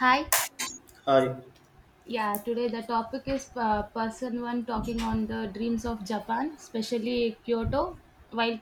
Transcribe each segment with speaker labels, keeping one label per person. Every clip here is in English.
Speaker 1: Hi.
Speaker 2: Hi.
Speaker 1: Yeah, today the topic is person one talking on the dreams of Japan, especially Kyoto, while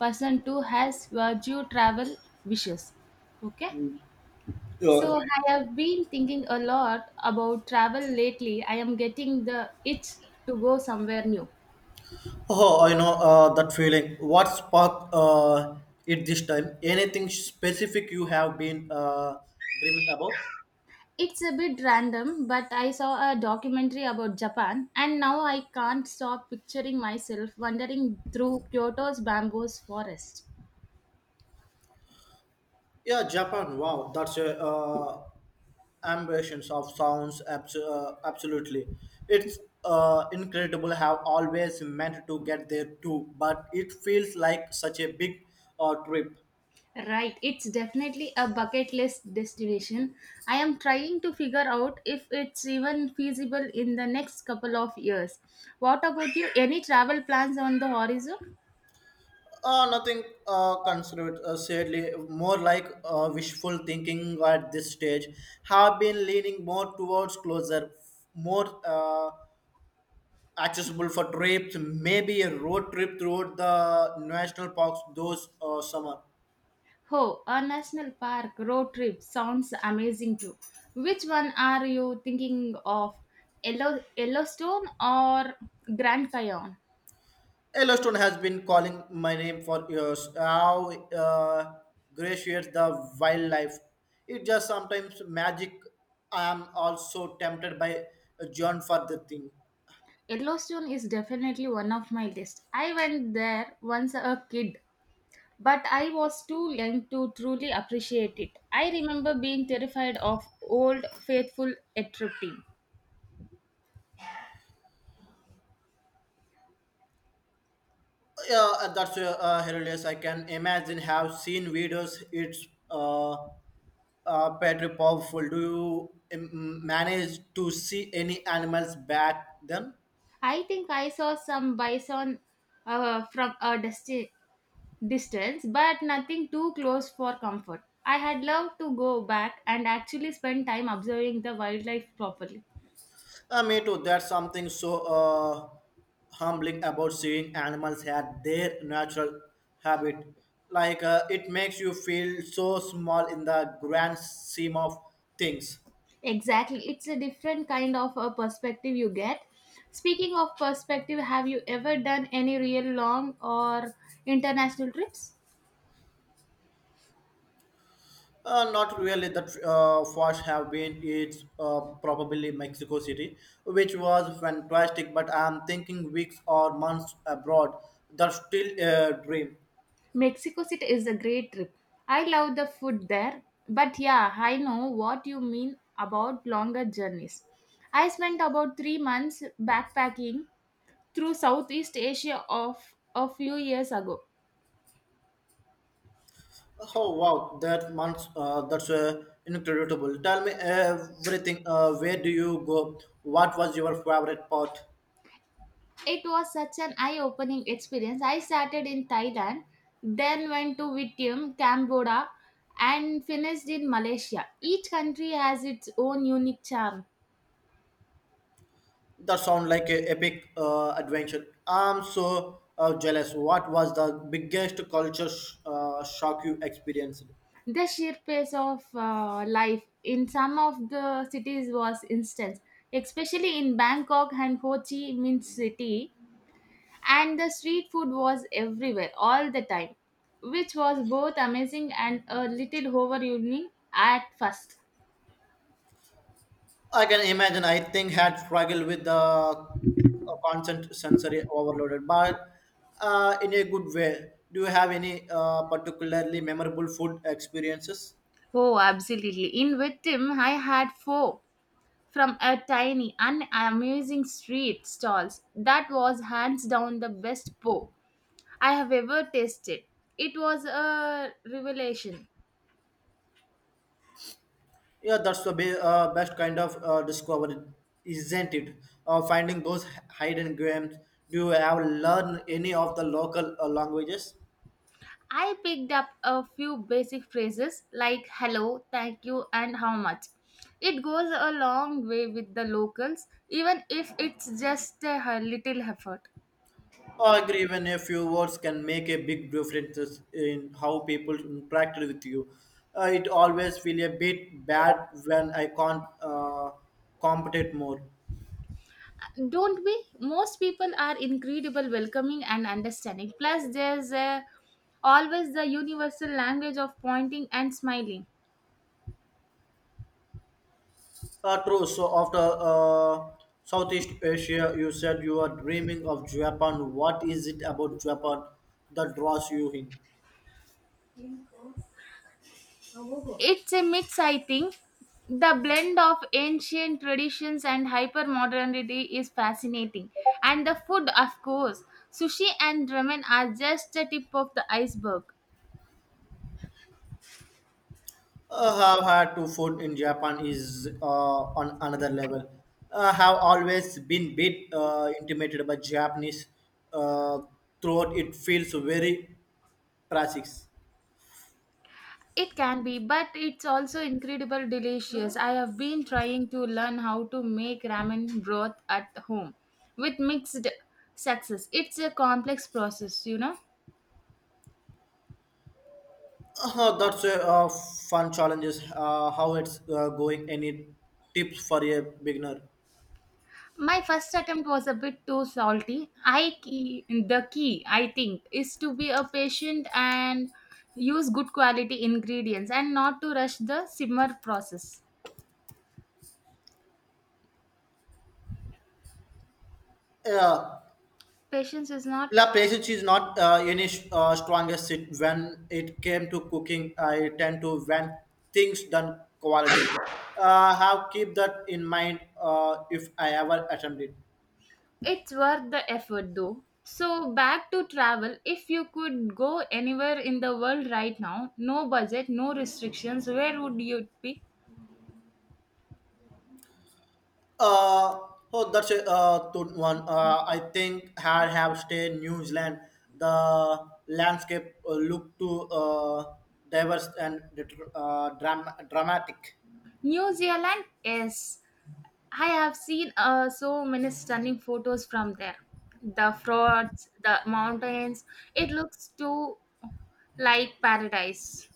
Speaker 1: person two has virtue travel wishes. Okay.
Speaker 2: Uh,
Speaker 1: So I have been thinking a lot about travel lately. I am getting the itch to go somewhere new.
Speaker 2: oh, I know that feeling. What sparked it this time? Anything specific you have been dreaming about?
Speaker 1: It's a bit random, but I saw a documentary about Japan and now I can't stop picturing myself wandering through Kyoto's bamboo forest.
Speaker 2: Yeah, Japan. Wow, that's a ambitions of sounds. Absolutely, it's incredible. Have always meant to get there too, but it feels like such a big trip.
Speaker 1: Right, it's definitely a bucket list destination. I am trying to figure out if it's even feasible in the next couple of years. What about you? Any travel plans on the horizon?
Speaker 2: Nothing considered, sadly, more like wishful thinking at this stage. Have been leaning more towards closer, more accessible for trips, maybe a road trip throughout the national parks those summer.
Speaker 1: Oh, a national park road trip sounds amazing too. Which one are you thinking of? Yellow, Yellowstone or Grand Canyon?
Speaker 2: Yellowstone has been calling my name for years. How gracious the wildlife. It just sometimes magic. I am also tempted by John for the thing.
Speaker 1: Yellowstone is definitely one of my list. I went there once a kid, but I was too young to truly appreciate it. I remember being terrified of old faithful atropine.
Speaker 2: Yeah, that's hilarious. I can imagine. Have seen videos. It's pretty powerful. Do you manage to see any animals back then?
Speaker 1: I think I saw some bison from a distance, but nothing too close for comfort. I had loved to go back and actually spend time observing the wildlife properly.
Speaker 2: Me too. That's something so humbling about seeing animals at their natural habit. Like it makes you feel so small in the grand scheme of things.
Speaker 1: Exactly, it's a different kind of a perspective you get. Speaking of perspective, have you ever done any real long or international trips?
Speaker 2: Not really. That first have been it's probably Mexico City, which was fantastic. But I'm thinking weeks or months abroad. That's still a dream.
Speaker 1: Mexico City is a great trip. I love the food there, but yeah, I know what you mean about longer journeys. I spent about 3 months backpacking through Southeast Asia of a few years ago.
Speaker 2: Oh wow, that months. That's incredible. Tell me everything. Where do you go? What was your favorite part?
Speaker 1: It was such an eye-opening experience. I started in Thailand, then went to Vietnam, Cambodia, and finished in Malaysia. Each country has its own unique charm.
Speaker 2: That sounds like a epic adventure. I'm so jealous. What was the biggest culture shock you experienced?
Speaker 1: The sheer pace of life in some of the cities was instant, especially in Bangkok and Ho Chi Minh City, and the street food was everywhere all the time, which was both amazing and a little overwhelming at first.
Speaker 2: I can imagine. I think had struggled with the constant sensory overloaded, but in a good way. Do you have any particularly memorable food experiences?
Speaker 1: Oh, absolutely. In Vietnam, I had four from a tiny, unamusing street stalls that was hands down the best po. I have ever tasted. It was a revelation.
Speaker 2: Yeah, that's the best kind of discovery, isn't it? Finding those hidden gems. Do you have learned any of the local languages?
Speaker 1: I picked up a few basic phrases like hello, thank you, and how much. It goes a long way with the locals, even if it's just a little effort.
Speaker 2: I agree, even a few words can make a big difference in how people interact with you. It always feel a bit bad when I can't compete more.
Speaker 1: Don't we? Most people are incredible, welcoming, and understanding. Plus, always the universal language of pointing and smiling.
Speaker 2: True. So after Southeast Asia, you said you are dreaming of Japan. What is it about Japan that draws you in?
Speaker 1: It's a mix, I think. The blend of ancient traditions and hyper modernity is fascinating. And the food, of course. Sushi and ramen are just the tip of the iceberg.
Speaker 2: Have had to food in Japan is on another level. I have always been bit intimidated by Japanese uh, throughout. It feels very classic.
Speaker 1: It can be, but it's also incredible delicious. I have been trying to learn how to make ramen broth at home with mixed success. It's a complex process, you know.
Speaker 2: That's a fun challenges. How it's going? Any tips for a beginner?
Speaker 1: My first attempt was a bit too salty. The key I think is to be a patient and use good quality ingredients and not to rush the simmer process.
Speaker 2: Yeah,
Speaker 1: Patience is not
Speaker 2: La patience is not any strongest suit when it came to cooking. I tend to when things done quality. Have keep that in mind if I ever attempt it.
Speaker 1: it's worth the effort though. So back to travel, if you could go anywhere in the world right now, no budget, no restrictions, where would you pick?
Speaker 2: Uh, oh, that's a good one. I think I have stayed New Zealand. The landscape look to diverse and dramatic.
Speaker 1: New Zealand, yes. I have seen so many stunning photos from there. The fjords, the mountains. It looks too like paradise.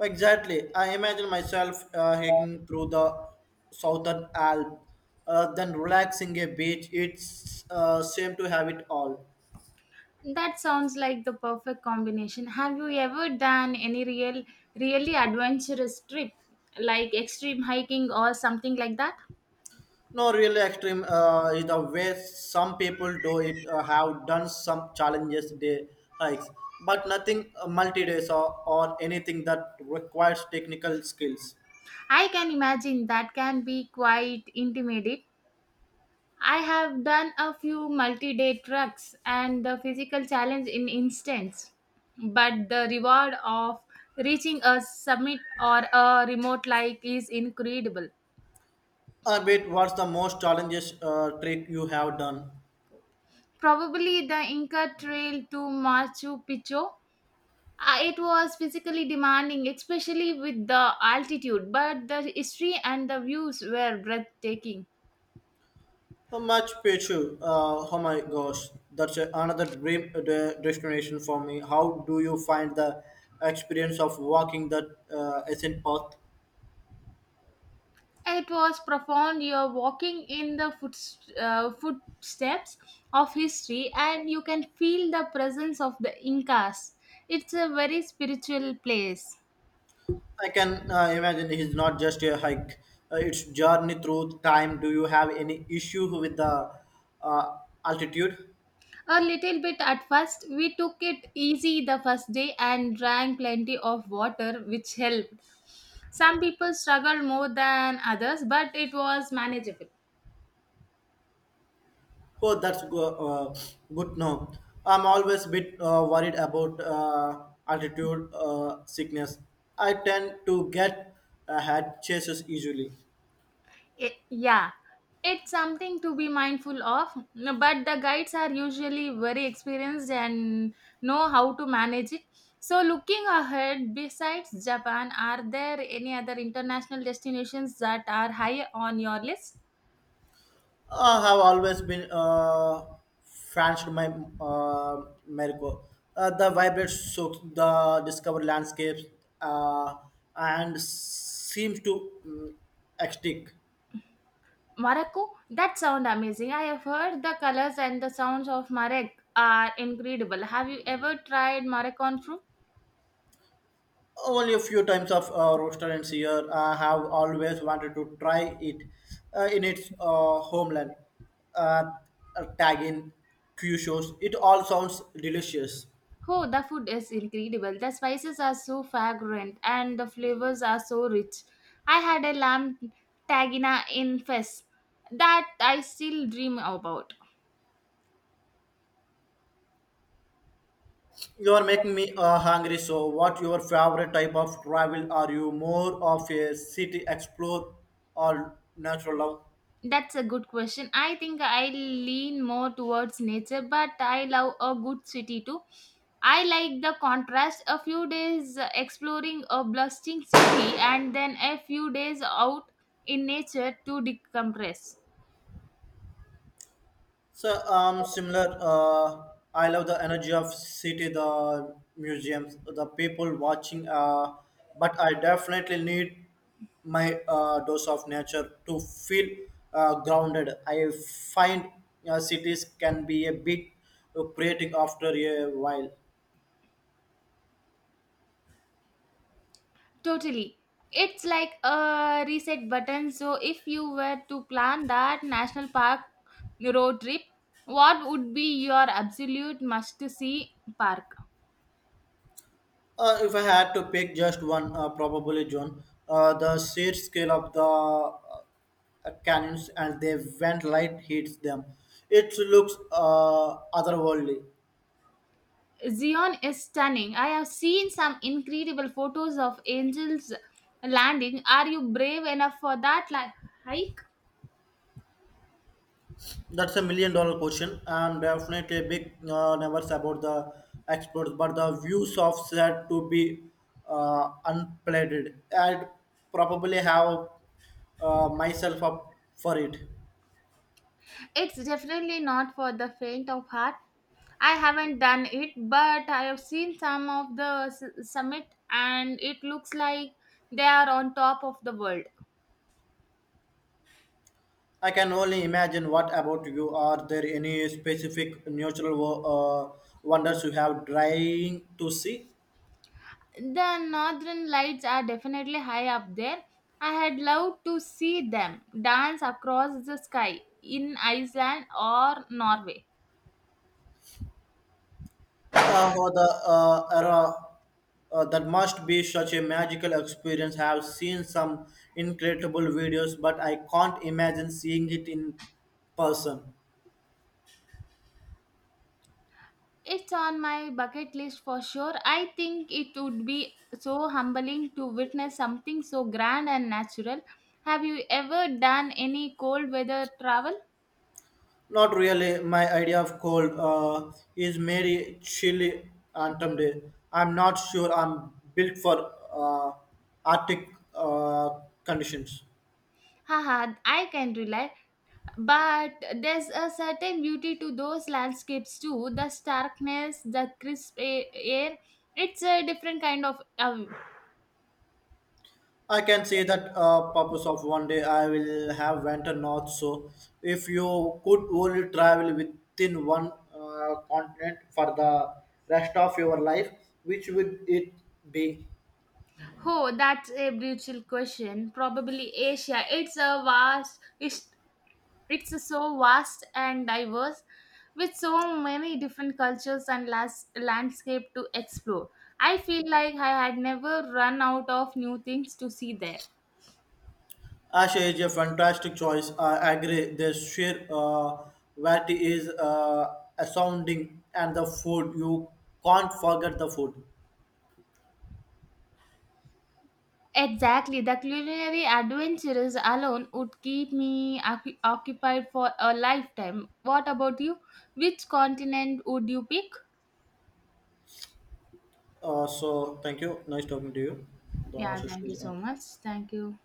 Speaker 2: Exactly. I imagine myself hiking through the southern Alps, then relaxing a beach. It's seem to have it all.
Speaker 1: That sounds like the perfect combination. Have you ever done any real, really adventurous trip, like extreme hiking or something like that?
Speaker 2: No really extreme is the way some people do it. Have done some challenges day hikes, but nothing multi days or anything that requires technical skills.
Speaker 1: I can imagine that can be quite intimidating. I have done a few multi day trucks and the physical challenge in instance, but the reward of reaching a summit or a remote like is incredible.
Speaker 2: I bet what's the most challenges trick you have done?
Speaker 1: Probably the Inca Trail to Machu Picchu. It was physically demanding, especially with the altitude, but the history and the views were breathtaking.
Speaker 2: Oh, Machu Picchu. Oh my gosh, that's a, another dream destination for me. How do you find the experience of walking that ancient path?
Speaker 1: It was profound. You're walking in the footsteps of history, and you can feel the presence of the Incas. It's a very spiritual place.
Speaker 2: I can imagine it's not just a hike; it's journey through time. Do you have any issue with the uh, altitude?
Speaker 1: A little bit at first, we took it easy the first day and drank plenty of water, which helped. Some people struggled more than others, but it was manageable.
Speaker 2: Oh, that's good. No, I'm always a bit worried about altitude sickness. I tend to get head chases easily.
Speaker 1: It, yeah, it's something to be mindful of, but the guides are usually very experienced and know how to manage it. So, looking ahead, besides Japan, are there any other international destinations that are high on your list?
Speaker 2: I have always been franched my uh, Merco. The vibrant soaks, the discovered landscapes, uh, and seems to extinct.
Speaker 1: Morocco? That sounds amazing. I have heard the colors and the sounds of Marek are incredible. Have you ever tried Moroccan fruit?
Speaker 2: Only a few times of restaurants here. I have always wanted to try it in its homeland. Uh, Tag in Q shows. It all sounds delicious.
Speaker 1: Oh, the food is incredible. The spices are so fragrant and the flavors are so rich. I had a lamb tagina in Fes that I still dream about.
Speaker 2: You are making me hungry. So, what your favorite type of travel? Are you more of a city explore or natural love?
Speaker 1: That's a good question. I think I lean more towards nature, but I love a good city too. I like the contrast. A few days exploring a bustling city and then a few days out in nature to decompress.
Speaker 2: So, similar. I love the energy of city, the museums, the people watching. But I definitely need my dose of nature to feel grounded. I find cities can be a bit creating after a while.
Speaker 1: Totally. It's like a reset button. So, if you were to plan that national park road trip, what would be your absolute must see park?
Speaker 2: If I had to pick just one, probably John. The sheer scale of the cannons and they went light hits them. It looks otherworldly.
Speaker 1: Zion is stunning. I have seen some incredible photos of Angel's Landing. Are you brave enough for that hike?
Speaker 2: That's a million dollar question, and definitely a big nervous about the exports. But the views of said to be unplated. I'd probably have myself up for it.
Speaker 1: It's definitely not for the faint of heart. I haven't done it, but I have seen some of the summit, and it looks like they are on top of the world.
Speaker 2: I can only imagine. What about you? Are there any specific natural uh, wonders you have trying to see?
Speaker 1: The northern lights are definitely high up there. I had loved to see them dance across the sky in Iceland or Norway.
Speaker 2: Or the era that must be such a magical experience. I have seen some incredible videos, but I can't imagine seeing it in person.
Speaker 1: It's on my bucket list for sure. I think it would be so humbling to witness something so grand and natural. Have you ever done any cold weather travel?
Speaker 2: Not really. My idea of cold is very chilly and someday. I'm not sure I'm built for Arctic conditions.
Speaker 1: Haha, I can rely. But there's a certain beauty to those landscapes too. The starkness, the crisp air. It's a different kind of. Uh,
Speaker 2: I can say that purpose of one day I will have went north. So, if you could only travel within one continent for the rest of your life, which would it be?
Speaker 1: oh, that's a brutal question. Probably Asia. It's a vast. It's so vast and diverse with so many different cultures and landscape to explore. I feel like I had never run out of new things to see there.
Speaker 2: Asia is a fantastic choice. I agree. The sheer variety is astounding, and the food you can't forget the food.
Speaker 1: Exactly, the culinary adventures alone would keep me occupied for a lifetime. What about you? Which continent would you pick?
Speaker 2: So, thank you. Nice talking to you. The
Speaker 1: Yeah,
Speaker 2: session
Speaker 1: thank you
Speaker 2: is
Speaker 1: so
Speaker 2: end.
Speaker 1: much. Thank you.